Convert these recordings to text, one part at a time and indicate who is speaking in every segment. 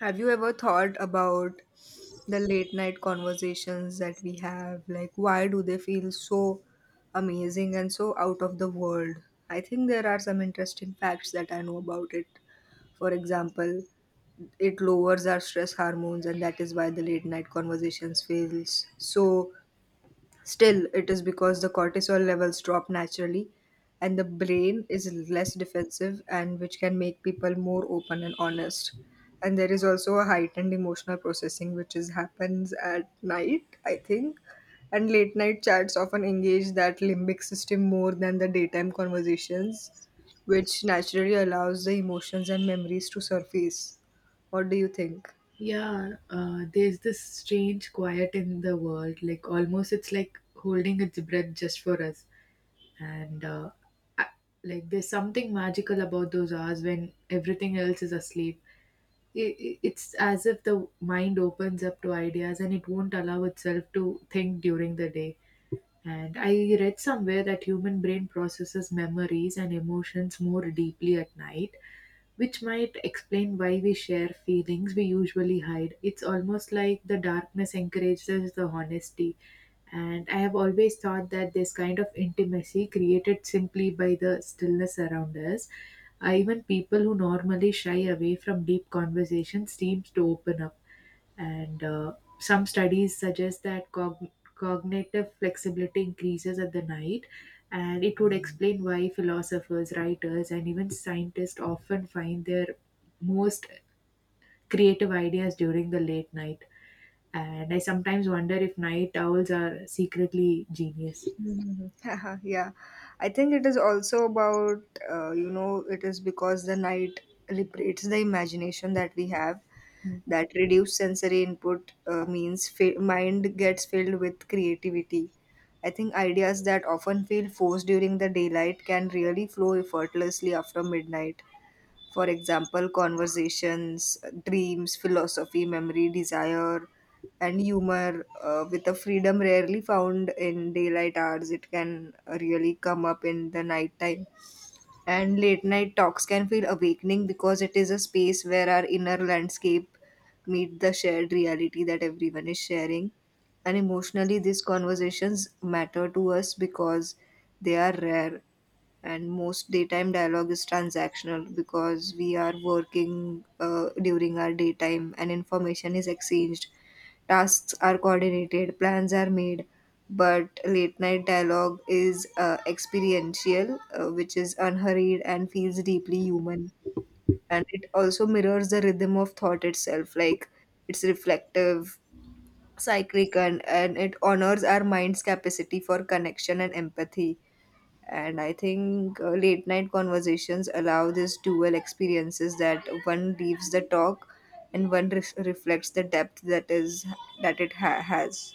Speaker 1: Have you ever thought about the late night conversations that we have? Like, why do they feel so amazing and so out of the world? I think there are some interesting facts that I know about it. For example, it lowers our stress hormones, and that is why the late night conversations feels so. Still, it is because the cortisol levels drop naturally and the brain is less defensive and which can make people more open and honest. And there is also a heightened emotional processing which is happens at night, I think. And late night chats often engage that limbic system more than the daytime conversations, which naturally allows the emotions and memories to surface. What do you think?
Speaker 2: Yeah, there's this strange quiet in the world. Like almost, it's like holding its breath just for us. And uh, I, there's something magical about those hours when everything else is asleep. It's as if the mind opens up to ideas and it won't allow itself to think during the day. And I read somewhere that human brain processes memories and emotions more deeply at night, which might explain why we share feelings we usually hide. It's almost like the darkness encourages the honesty. And I have always thought that this kind of intimacy created simply by the stillness around us, even people who normally shy away from deep conversations seems to open up. And Some studies suggest that cognitive flexibility increases at the night, and it would explain why philosophers, writers, and even scientists often find their most creative ideas during the late night. And I sometimes wonder if night owls are secretly genius.
Speaker 1: Mhm. Yeah, I think it is also about, it is because the night liberates the imagination that we have. That reduced sensory input means mind gets filled with creativity. I think ideas that often feel forced during the daylight can really flow effortlessly after midnight. For example, conversations, dreams, philosophy, memory, desire, and humor with a freedom rarely found in daylight hours. It can really come up in the nighttime, and late night talks can feel awakening because it is a space where our inner landscape meet the shared reality that everyone is sharing. And emotionally, these conversations matter to us because they are rare. And most daytime dialogue is transactional because we are working during our daytime, and information is exchanged, tasks are coordinated, plans are made, but late night dialogue is experiential, which is unhurried and feels deeply human. And it also mirrors the rhythm of thought itself, like it's reflective, cyclic, and it honors our mind's capacity for connection and empathy. And I think late night conversations allow these dual experiences, that one leaves the talk and one reflects the depth that it has.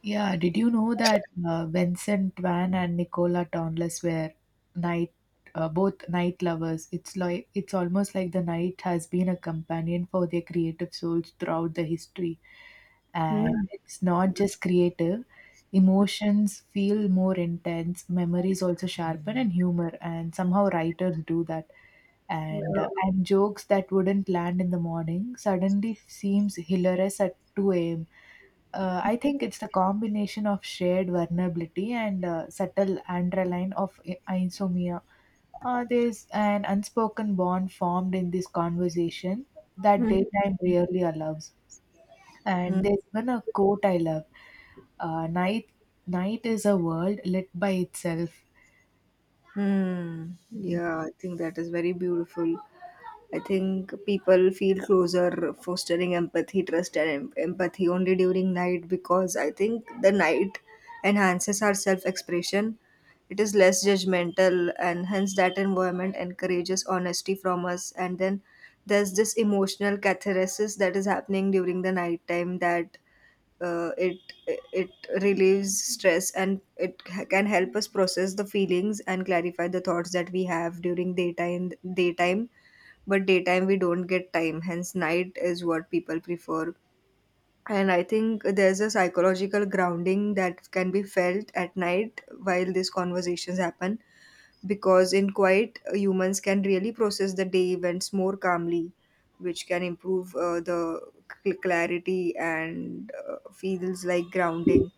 Speaker 2: Yeah, did you know that Vincent Van and Nicola Tonless were night both night lovers? It's like, it's almost like the night has been a companion for their creative souls throughout the history. And
Speaker 1: Hmm.
Speaker 2: it's not just creative, emotions feel more intense, memories also sharpen, and humor. And somehow writers do that,
Speaker 1: Yeah.
Speaker 2: and jokes that wouldn't land in the morning suddenly seems hilarious at 2 a.m. I think it's the combination of shared vulnerability and subtle underline of insomnia. There's an unspoken bond formed in this conversation that
Speaker 1: Hmm.
Speaker 2: daytime rarely allows. And
Speaker 1: Hmm.
Speaker 2: there's even a quote I love: uh, night night is a world lit by itself.
Speaker 1: Hmm. Yeah, I think that is very beautiful. I think people feel closer, fostering empathy, trust, and empathy only during night, because I think the night enhances our self expression. It is less judgmental, and hence that environment encourages honesty from us. And then there's this emotional catharsis that is happening during the night time, that uh, it it relieves stress, and it can help us process the feelings and clarify the thoughts that we have during daytime, but daytime we don't get time, hence night is what people prefer. And I think there's a psychological grounding that can be felt at night while these conversations happen, because in quiet, humans can really process the day events more calmly, which can improve the clarity and feels like grounding.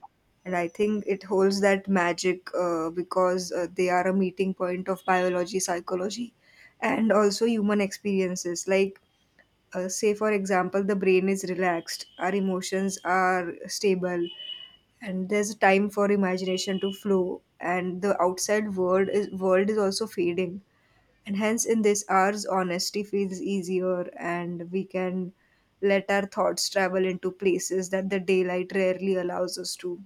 Speaker 1: And I think it holds that magic because they are a meeting point of biology, psychology, and also human experiences, like say for example, the brain is relaxed, our emotions are stable, and there's a time for imagination to flow, and the outside world is also fading, and hence in this hours honesty feels easier, and we can let our thoughts travel into places that the daylight rarely allows us to.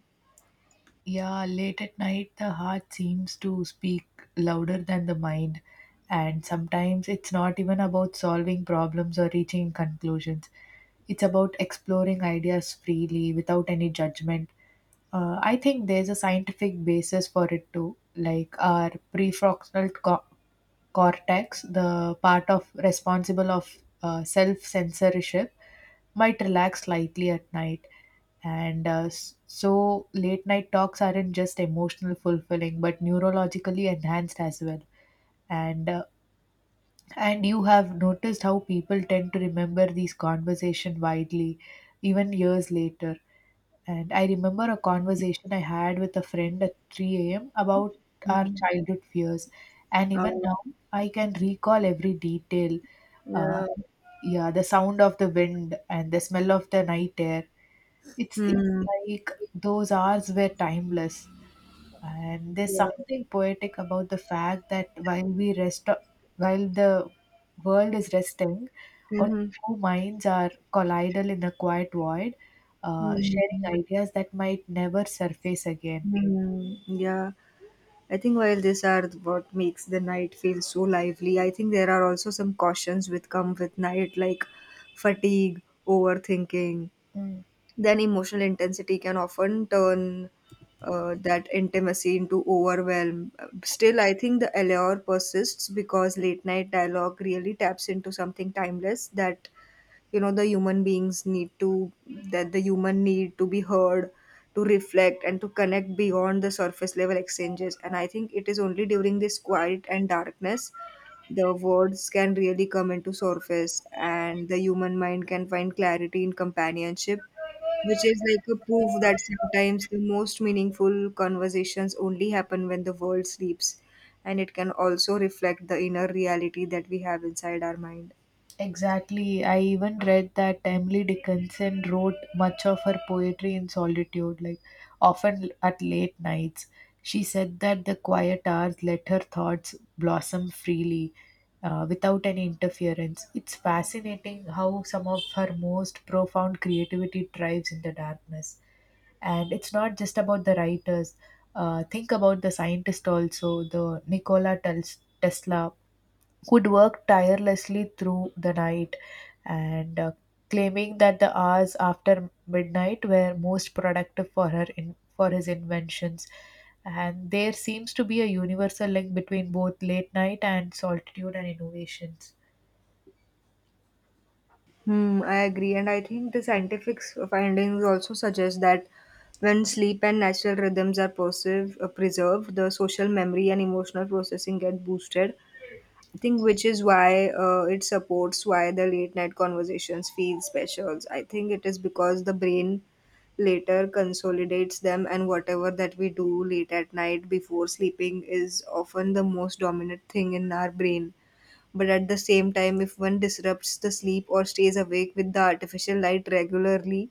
Speaker 2: Yeah, late at night, the heart seems to speak louder than the mind, and sometimes it's not even about solving problems or reaching conclusions. It's about exploring ideas freely without any judgment. I think there's a scientific basis for it too, like our cortex, the part of responsible of self censorship, might relax slightly at night. So, late night talks aren't just emotional fulfilling, but neurologically enhanced as well. And uh, and you have noticed how people tend to remember these conversation widely, even years later, and I remember a conversation I had with a friend at 3 a.m. about our
Speaker 1: Hmm.
Speaker 2: childhood fears. And
Speaker 1: uh,
Speaker 2: even now, I can recall every detail. Uh,
Speaker 1: Yeah.
Speaker 2: yeah, the sound of the wind and the smell of the night air. It's
Speaker 1: Hmm,
Speaker 2: like those hours were timeless. And there's
Speaker 1: yeah.
Speaker 2: something poetic about the fact that while we rest, while the world is resting, only
Speaker 1: Mhm.
Speaker 2: two minds are collidal in a quiet void,
Speaker 1: Hmm.
Speaker 2: sharing ideas that might never surface again.
Speaker 1: Hmm. Yeah, I think while these are what makes the night feel so lively, I think there are also some cautions which come with night, like fatigue, overthinking.
Speaker 2: Mm.
Speaker 1: Then emotional intensity can often turn that intimacy into overwhelm. Still, I think the allure persists because late night dialogue really taps into something timeless, that you know the human beings need to, that the human need to be heard, to reflect, and to connect beyond the surface level exchanges. And I think it is only during this quiet and darkness the words can really come into surface, and the human mind can find clarity in companionship, which is like a proof that sometimes the most meaningful conversations only happen when the world sleeps, and it can also reflect the inner reality that we have inside our mind.
Speaker 2: Exactly. I even read that Emily Dickinson wrote much of her poetry in solitude, like often at late nights. She said that the quiet hours let her thoughts blossom freely without any interference. It's fascinating how some of her most profound creativity thrives in the darkness. And it's not just about the writers. Think about the scientist also, the Tesla would work tirelessly through the night, and claiming that the hours after midnight were most productive for her in for his inventions, and there seems to be a universal link between both late night and solitude and innovations.
Speaker 1: Hmm, I agree, and I think the scientific findings also suggest that when sleep and natural rhythms are preserved, the social memory and emotional processing get boosted. I think which is why it supports why the late night conversations feel special. I think it is because the brain later consolidates them, and whatever that we do late at night before sleeping is often the most dominant thing in our brain. But at the same time, if one disrupts the sleep or stays awake with the artificial light regularly,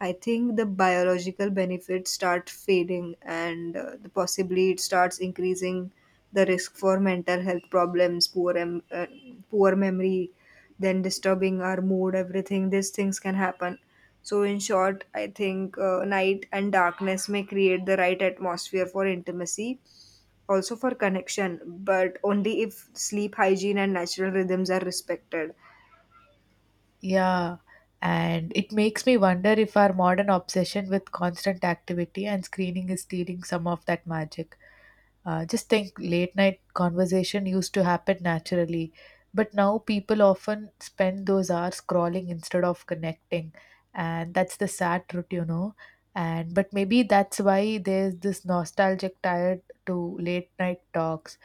Speaker 1: I think the biological benefits start fading, and possibly it starts increasing the risk for mental health problems, poor, poor memory, then disturbing our mood, everything. These things can happen. So, in short, I think night and darkness may create the right atmosphere for intimacy, also for connection, but only if sleep hygiene and natural rhythms are respected.
Speaker 2: Yeah, and it makes me wonder if our modern obsession with constant activity and screening is stealing some of that magic. Just think, late night conversation used to happen naturally, but now people often spend those hours scrolling instead of connecting, and that's the sad truth, And but maybe that's why there's this nostalgic tired to late night talks.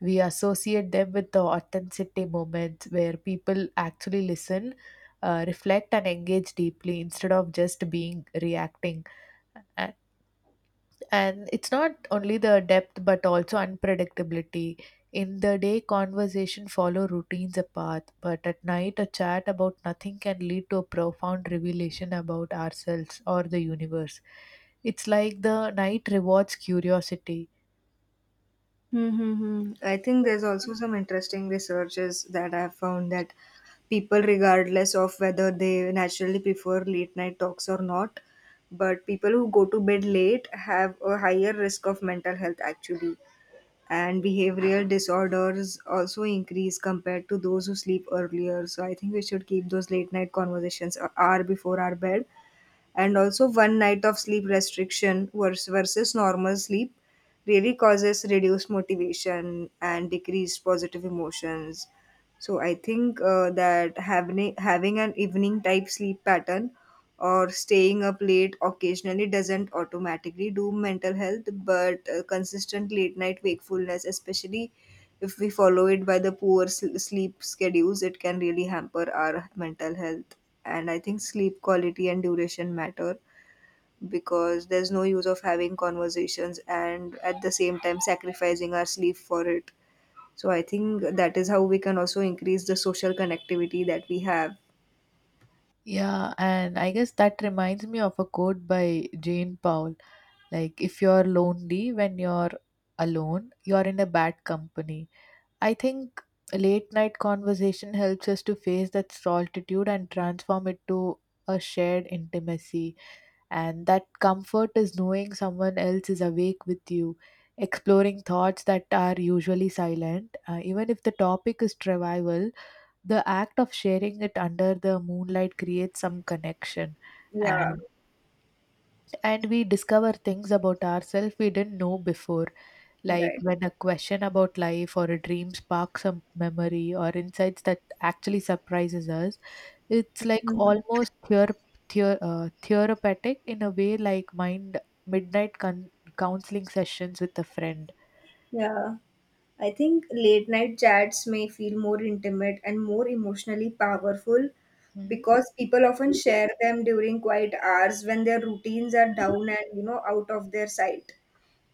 Speaker 2: We associate them with the authenticity moments where people actually listen, reflect, and engage deeply instead of just being reacting, and it's not only the depth but also unpredictability. In the day, conversation follow routines a path, but at night, a chat about nothing can lead to a profound revelation about ourselves or the universe. It's like the night rewards curiosity.
Speaker 1: Mm-hmm. I think there's also some interesting researches that I have found, that people, regardless of whether they naturally prefer late night talks or not, but people who go to bed late have a higher risk of mental health actually. And behavioral disorders also increase compared to those who sleep earlier. So I think we should keep those late night conversations a hour before our bed. And also, one night of sleep restriction versus normal sleep really causes reduced motivation and decreased positive emotions. So I think that having an evening type sleep pattern or staying up late occasionally doesn't automatically do mental health, but consistent late night wakefulness, especially if we follow it by the poor sleep schedules, it can really hamper our mental health. And I think sleep quality and duration matter, because there's no use of having conversations and at the same time sacrificing our sleep for it. So I think that is how we can also increase the social connectivity that we have.
Speaker 2: Yeah, and I guess that reminds me of a quote by Jane Powell: like, if you're lonely when you're alone, you're in a bad company. I think late night conversation helps us to face that solitude and transform it to a shared intimacy. And that comfort is knowing someone else is awake with you, exploring thoughts that are usually silent. Even if the topic is trivial, the act of sharing it under the moonlight creates some connection.
Speaker 1: Yeah,
Speaker 2: And, and we discover things about ourselves we didn't know before, like
Speaker 1: right.
Speaker 2: when a question about life or a dream sparks a memory or insights that actually surprises us. It's like
Speaker 1: Mhm.
Speaker 2: almost therapeutic in a way, like mind midnight counseling sessions with a friend.
Speaker 1: Yeah. I think late night chats may feel more intimate and more emotionally powerful because people often share them during quiet hours when their routines are down and out of their sight,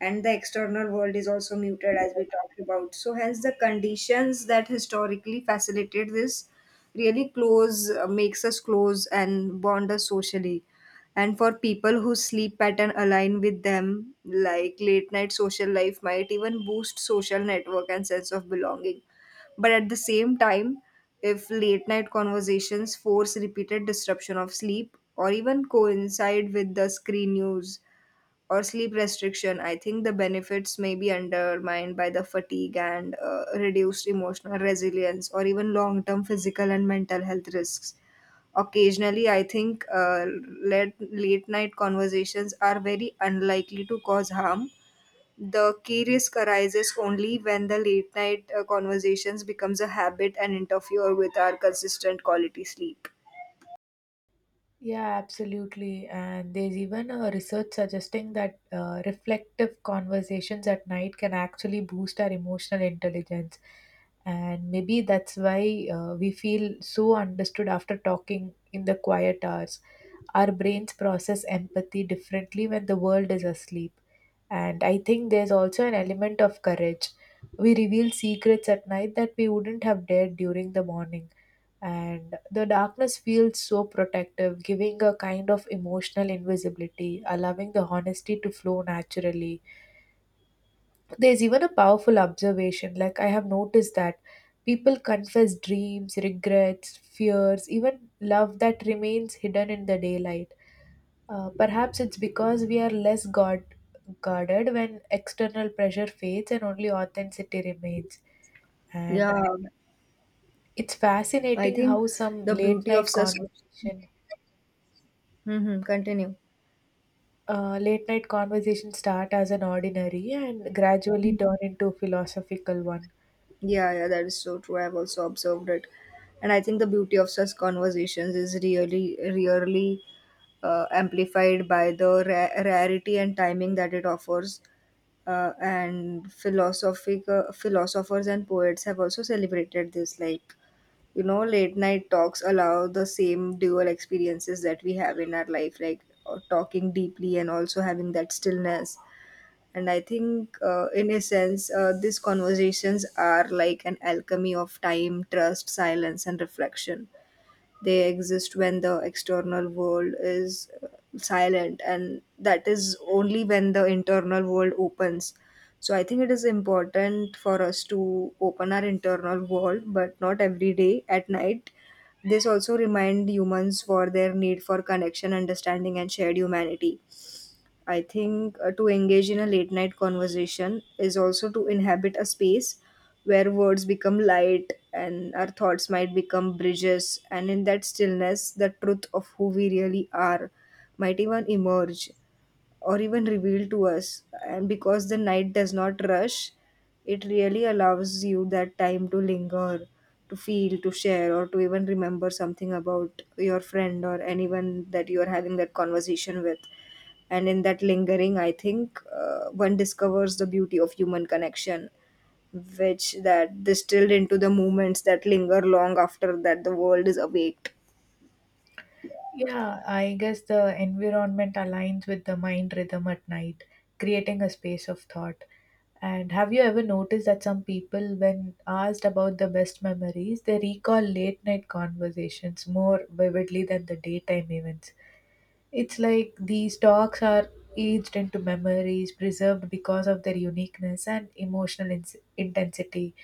Speaker 1: and the external world is also muted, as we talked about. So hence the conditions that historically facilitate this really close makes us close and bond us socially. And for people whose sleep pattern align with them, like late night social life might even boost social network and sense of belonging. But at the same time, if late night conversations force repeated disruption of sleep or even coincide with the screen use or sleep restriction, I think the benefits may be undermined by the fatigue and reduced emotional resilience, or even long term physical and mental health risks. Occasionally, I think late night conversations are very unlikely to cause harm. The key risk arises only when the late night conversations becomes a habit and interfere with our consistent quality sleep.
Speaker 2: Yeah, absolutely. And there's even a research suggesting that reflective conversations at night can actually boost our emotional intelligence. And maybe that's why we feel so understood after talking in the quiet hours. Our brains process empathy differently when the world is asleep. And I think there's also an element of courage. We reveal secrets at night that we wouldn't have dared during the morning, and the darkness feels so protective, giving a kind of emotional invisibility, allowing the honesty to flow naturally. There's even a powerful observation, like I have noticed that people confess dreams, regrets, fears, even love that remains hidden in the daylight. Perhaps it's because we are less guarded when external pressure fades and only authenticity remains. And
Speaker 1: Yeah,
Speaker 2: it's
Speaker 1: I
Speaker 2: fascinating
Speaker 1: think
Speaker 2: how some
Speaker 1: the
Speaker 2: late
Speaker 1: beauty of
Speaker 2: night
Speaker 1: such.
Speaker 2: conversation,
Speaker 1: Hmm, continue.
Speaker 2: Late night conversations start as an ordinary and gradually turn into philosophical one.
Speaker 1: Yeah, yeah, that is so true. I've also observed it. And I think the beauty of such conversations is really, really amplified by the rarity and timing that it offers. And philosophic Philosophers and poets have also celebrated this. Like, late night talks allow the same dual experiences that we have in our life, like talking deeply and also having that stillness. And I think, in a sense, these conversations are like an alchemy of time, trust, silence, and reflection. They exist when the external world is silent, and that is only when the internal world opens. So I think it is important for us to open our internal world, but not every day at night. This also remind humans for their need for connection, understanding, and shared humanity. I think to engage in a late night conversation is also to inhabit a space where words become light and our thoughts might become bridges. And in that stillness, the truth of who we really are might even emerge or even revealed to us. And because the night does not rush, it really allows you that time to linger, to feel, to share, or to even remember something about your friend or anyone that you are having that conversation with. And in that lingering, I think one discovers the beauty of human connection, which that distilled into the moments that linger long after that the world is awaked.
Speaker 2: Yeah, I guess the environment aligns with the mind rhythm at night, creating a space of thought. And have you ever noticed that some people, when asked about the best memories, they recall late night conversations more vividly than the daytime events? It's like these dogs are aged into memories, preserved because of their uniqueness and emotional ins intensity.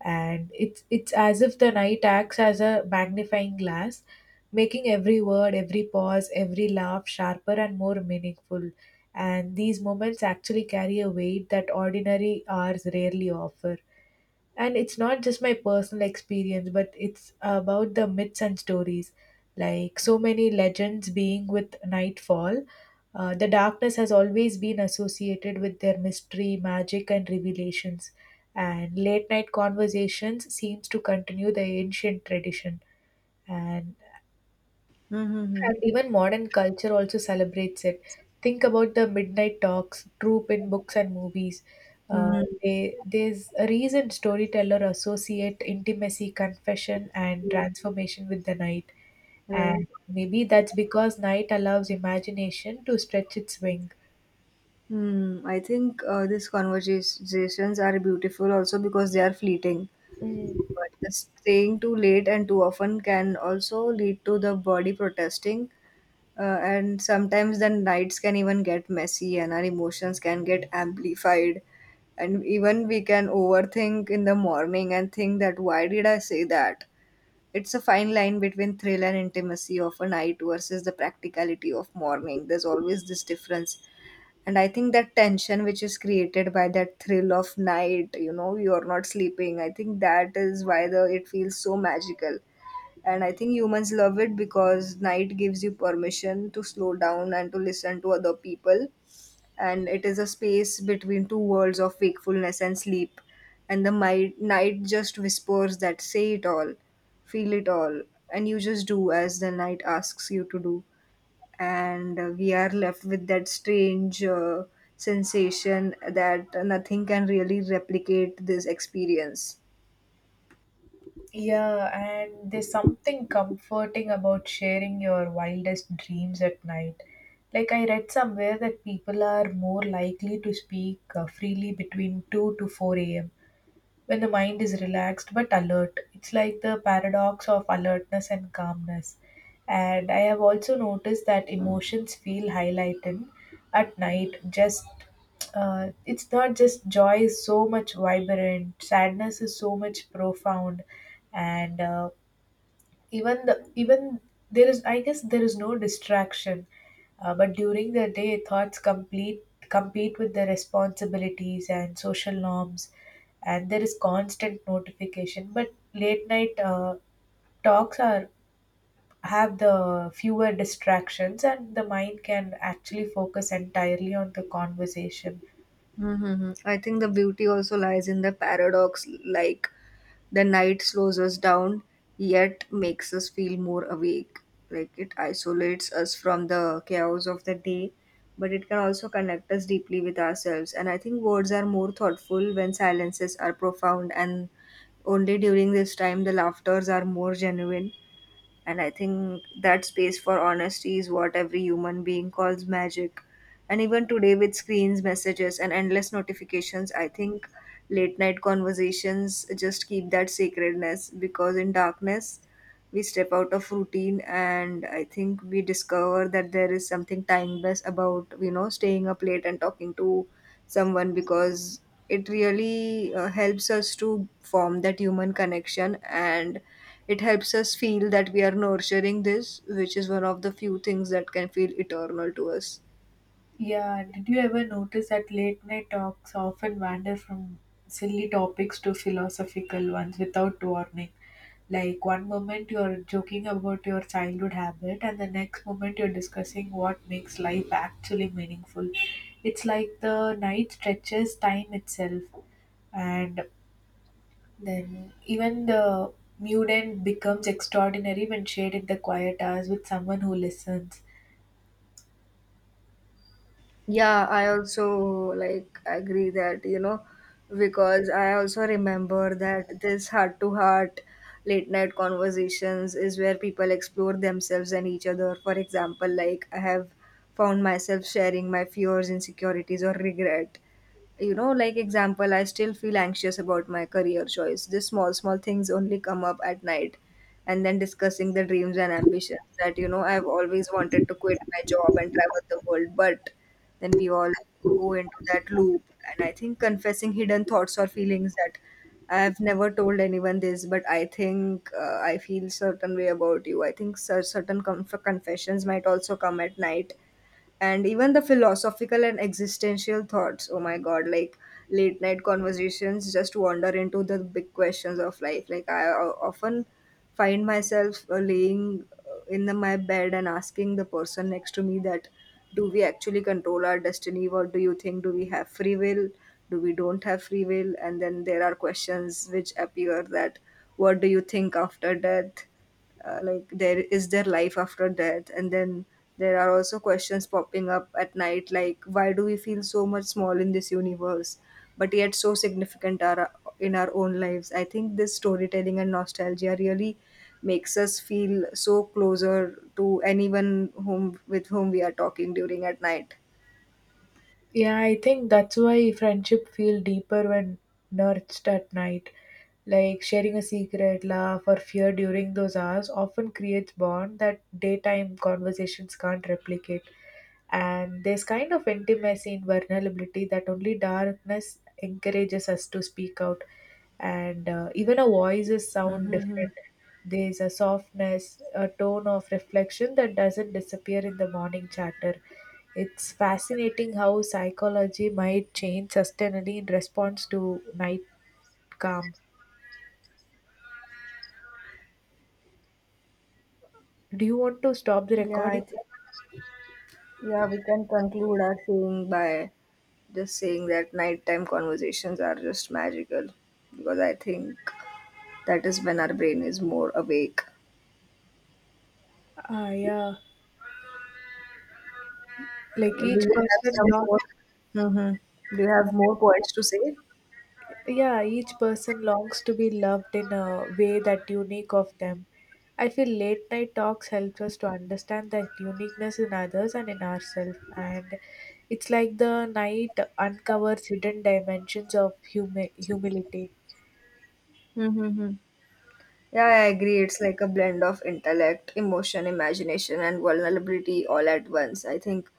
Speaker 2: And it's as if the night acts as a magnifying glass, making every word, every pause, every laugh sharper and more meaningful. And these moments actually carry a weight that ordinary hours rarely offer, and it's not just my personal experience, but it's about the myths and stories, like so many legends being with nightfall. The darkness has always been associated with their mystery magic and revelations, and late night conversations seems to continue the ancient tradition, and
Speaker 1: Mm-hmm.
Speaker 2: and even modern culture also celebrates it. Think about the midnight talks, troop in books and movies. Uh,
Speaker 1: Mm-hmm.
Speaker 2: there's a reason storyteller associate intimacy, confession, and transformation with the night.
Speaker 1: Right.
Speaker 2: And maybe that's because night allows imagination to stretch its wing.
Speaker 1: Hmm, I think these conversations are beautiful also because they are fleeting.
Speaker 2: Mm.
Speaker 1: But staying too late and too often can also lead to the body protesting. And sometimes the nights can even get messy and our emotions can get amplified. And even we can overthink in the morning and think that why did I say that? It's a fine line between thrill and intimacy of a night versus the practicality of morning. There's always this difference, and I think that tension which is created by that thrill of night. You're not sleeping. I think that is why the it feels so magical. And I think humans love it because night gives you permission to slow down and to listen to other people. And it is a space between two worlds of wakefulness and sleep. And the night just whispers that say it all, feel it all, and you just do as the night asks you to do, and we are left with that strange sensation that nothing can really replicate this experience.
Speaker 2: Yeah, and there's something comforting about sharing your wildest dreams at night. Like, I read somewhere that people are more likely to speak freely between 2 to 4 a.m. when the mind is relaxed but alert. It's like the paradox of alertness and calmness. And I have also noticed that emotions feel highlighted at night. Just it's not just joy is so much vibrant, sadness is so much profound, and even the even there is, I guess, there is no distraction. But during the day, thoughts complete compete with the responsibilities and social norms, and there is constant notification. But late night talks are, have the fewer distractions, and the mind can actually focus entirely on the conversation.
Speaker 1: Mm-hmm. I think the beauty also lies in the paradox, like the night slows us down, yet makes us feel more awake. Like it isolates us from the chaos of the day, but it can also connect us deeply with ourselves. And I think words are more thoughtful when silences are profound, and only during this time the laughters are more genuine. And I think that space for honesty is what every human being calls magic. And even today, with screens, messages, and endless notifications, I think late night conversations just keep that sacredness because in darkness, we step out of routine, and I think we discover that there is something timeless about staying up late and talking to someone, because it really helps us to form that human connection, and it helps us feel that we are nurturing this, which is one of the few things that can feel eternal to us.
Speaker 2: Yeah, did you ever notice that late night talks often wander from silly topics to philosophical ones without warning? Like one moment you're joking about your childhood habit, and the next moment you're discussing what makes life actually meaningful. It's like the night stretches time itself, and then even the mundane becomes extraordinary when shared in the quiet hours with someone who listens.
Speaker 1: Yeah, I also like agree that, because I also remember that this heart to heart late night conversations is where people explore themselves and each other. For example, like I have found myself sharing my fears, insecurities, or regret. Like example, I still feel anxious about my career choice. These small small things only come up at night. And then discussing the dreams and ambitions that I've always wanted to quit my job and travel the world, but then we all go into that loop. And I think confessing hidden thoughts or feelings that I've never told anyone this, but I think I feel certain way about you. I think certain confessions might also come at night. And even the philosophical and existential thoughts, oh my god, like late night conversations just wander into the big questions of life. Like, I often find myself laying in my bed and asking the person next to me that, do we actually control our destiny? What do you think? Do we have free will? Do we don't have free will? And then there are questions which appear that, what do you think after death? Like, there is there life after death? And then there are also questions popping up at night, like why do we feel so much small in this universe, but yet so significant are in our own lives? I think this storytelling and nostalgia really makes us feel so closer to anyone whom with whom we are talking during at night.
Speaker 2: Yeah, I think that's why friendship feel deeper when nourished at night. Like sharing a secret, laugh, or fear during those hours often creates bond that daytime conversations can't replicate. And there's kind of intimacy in vulnerability that only darkness encourages us to speak out. And Even our voices sound
Speaker 1: Mm-hmm.
Speaker 2: different. There's a softness, a tone of reflection that doesn't disappear in the morning chatter. It's fascinating how psychology might change sustainably in response to night calm. Do you want to stop the
Speaker 1: yeah I
Speaker 2: recording?
Speaker 1: think Yeah, we can conclude our thing by just saying that nighttime conversations are just magical because I think that is when our brain is more awake.
Speaker 2: Ah, yeah. Like,
Speaker 1: Do
Speaker 2: each
Speaker 1: you have
Speaker 2: person
Speaker 1: some
Speaker 2: longs,
Speaker 1: more? Hmm. Do you have more points to say?
Speaker 2: yeah, each person longs to be loved in a way that unique of them. I feel late night talks helps us to understand that uniqueness in others and in ourselves, and it's like the night uncovers hidden dimensions of humility.
Speaker 1: Mm-hmm. Yeah, I agree. It's like a blend of intellect, emotion, imagination, and vulnerability all at once. I think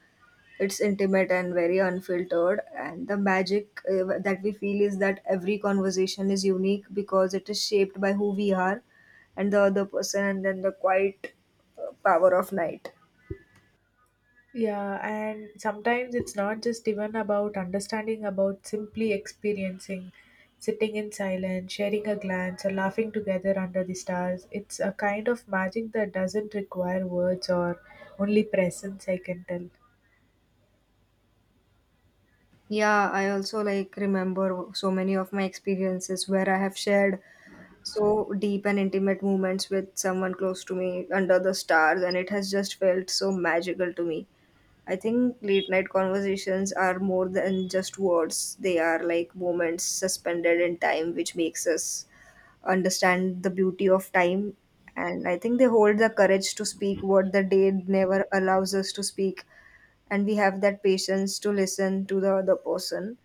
Speaker 1: it's intimate and very unfiltered, and the magic that we feel is that every conversation is unique because it is shaped by who we are and the other person, and then the quiet power of night.
Speaker 2: Yeah, and sometimes it's not just even about understanding, about simply experiencing, sitting in silence, sharing a glance, or laughing together under the stars. It's a kind of magic that doesn't require words or only presence, I can tell.
Speaker 1: Yeah, I also like remember so many of my experiences where I have shared so deep and intimate moments with someone close to me under the stars, and it has just felt so magical to me. I think late night conversations are more than just words. They are like moments suspended in time, which makes us understand the beauty of time. And I think they hold the courage to speak what the day never allows us to speak. And we have that patience to listen to the other person.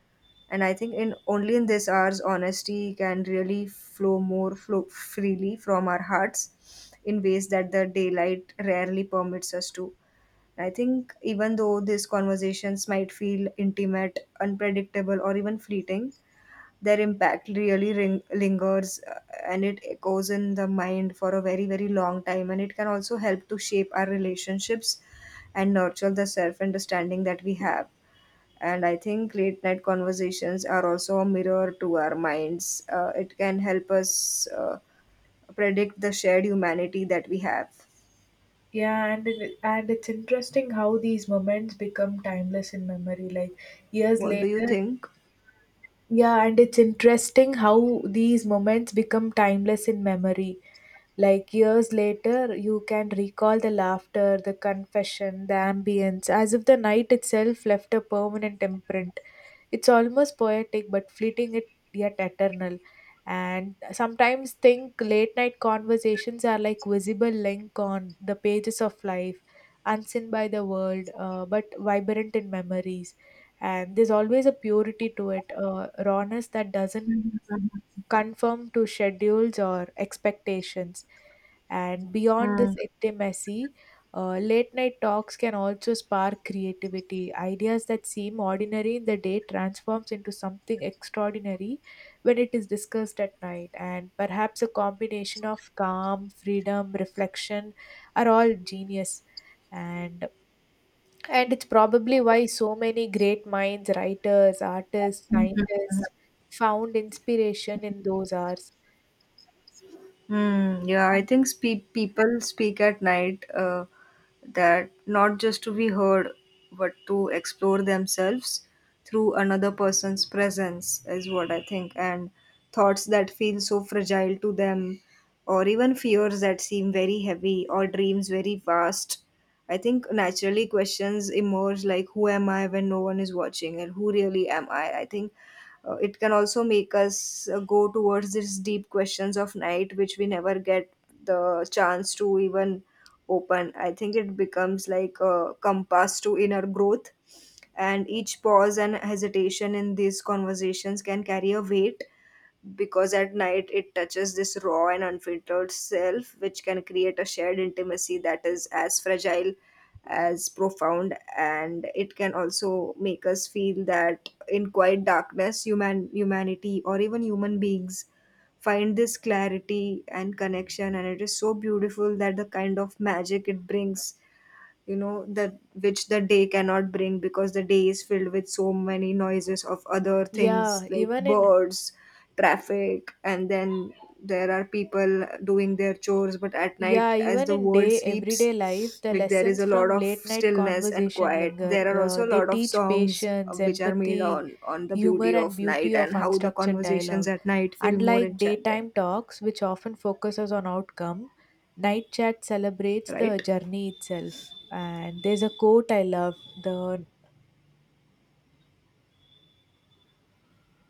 Speaker 1: And I think in only in this hours, honesty can really flow more flow freely from our hearts in ways that the daylight rarely permits us to. I think even though these conversations might feel intimate, unpredictable, or even fleeting, their impact really lingers, and it echoes in the mind for a very, very long time. And it can also help to shape our relationships and nurture the self understanding that we have. And I think late night conversations are also a mirror to our minds. It can help us predict the shared humanity that we have.
Speaker 2: Yeah, and it's interesting how these moments become timeless in memory. Like years
Speaker 1: What do you
Speaker 2: later,
Speaker 1: think?
Speaker 2: yeah, and it's interesting how these moments become timeless in memory. Like years later, you can recall the laughter, the confession, the ambience, as if the night itself left a permanent imprint. It's almost poetic, but fleeting it yet eternal. And sometimes think late night conversations are like visible link on the pages of life, unseen by the world, but vibrant in memories. And there's always a purity to it, rawness that doesn't conform to schedules or expectations. And beyond this
Speaker 1: Mhm.
Speaker 2: intimacy, late night talks can also spark creativity. Ideas that seem ordinary in the day transforms into something extraordinary when it is discussed at night. And perhaps a combination of calm, freedom, reflection are all genius. And and it's probably why so many great minds, writers, artists, scientists found inspiration in those hours.
Speaker 1: Hmm. Yeah, I think people speak at night, that not just to be heard, but to explore themselves through another person's presence, is what I think. And thoughts that feel so fragile to them, or even fears that seem very heavy, or dreams very vast. I think naturally questions emerge like, who am I when no one is watching, and who really am I? I think it can also make us go towards these deep questions of night, which we never get the chance to even open. I think it becomes like a compass to inner growth, and each pause and hesitation in these conversations can carry a weight, because at night it touches this raw and unfiltered self, which can create a shared intimacy that is as fragile as profound. And it can also make us feel that in quiet darkness humanity or even human beings find this clarity and connection, and it is so beautiful that the kind of magic it brings that which the day cannot bring, because the day is filled with so many noises of other things
Speaker 2: Yeah,
Speaker 1: like
Speaker 2: even in
Speaker 1: birds, traffic, and then there are people doing their chores, but at night
Speaker 2: yeah,
Speaker 1: as
Speaker 2: even
Speaker 1: the
Speaker 2: in
Speaker 1: world
Speaker 2: day everyday life,
Speaker 1: sleeps,
Speaker 2: the
Speaker 1: like, there is
Speaker 2: lessons
Speaker 1: a lot
Speaker 2: from
Speaker 1: of
Speaker 2: late night
Speaker 1: stillness and
Speaker 2: conversation
Speaker 1: quiet.
Speaker 2: linger.
Speaker 1: There are also a
Speaker 2: They
Speaker 1: lot of
Speaker 2: teach
Speaker 1: songs
Speaker 2: patience,
Speaker 1: which are made
Speaker 2: empathy,
Speaker 1: on the
Speaker 2: humor,
Speaker 1: beauty
Speaker 2: and
Speaker 1: of night
Speaker 2: beauty of
Speaker 1: and how the
Speaker 2: unstructured
Speaker 1: conversations
Speaker 2: dialogue.
Speaker 1: at night feel more
Speaker 2: Unlike
Speaker 1: enchanting.
Speaker 2: daytime talks, which often focuses on outcome, night chat celebrates the
Speaker 1: Right.
Speaker 2: journey itself. And there's a quote I love: "The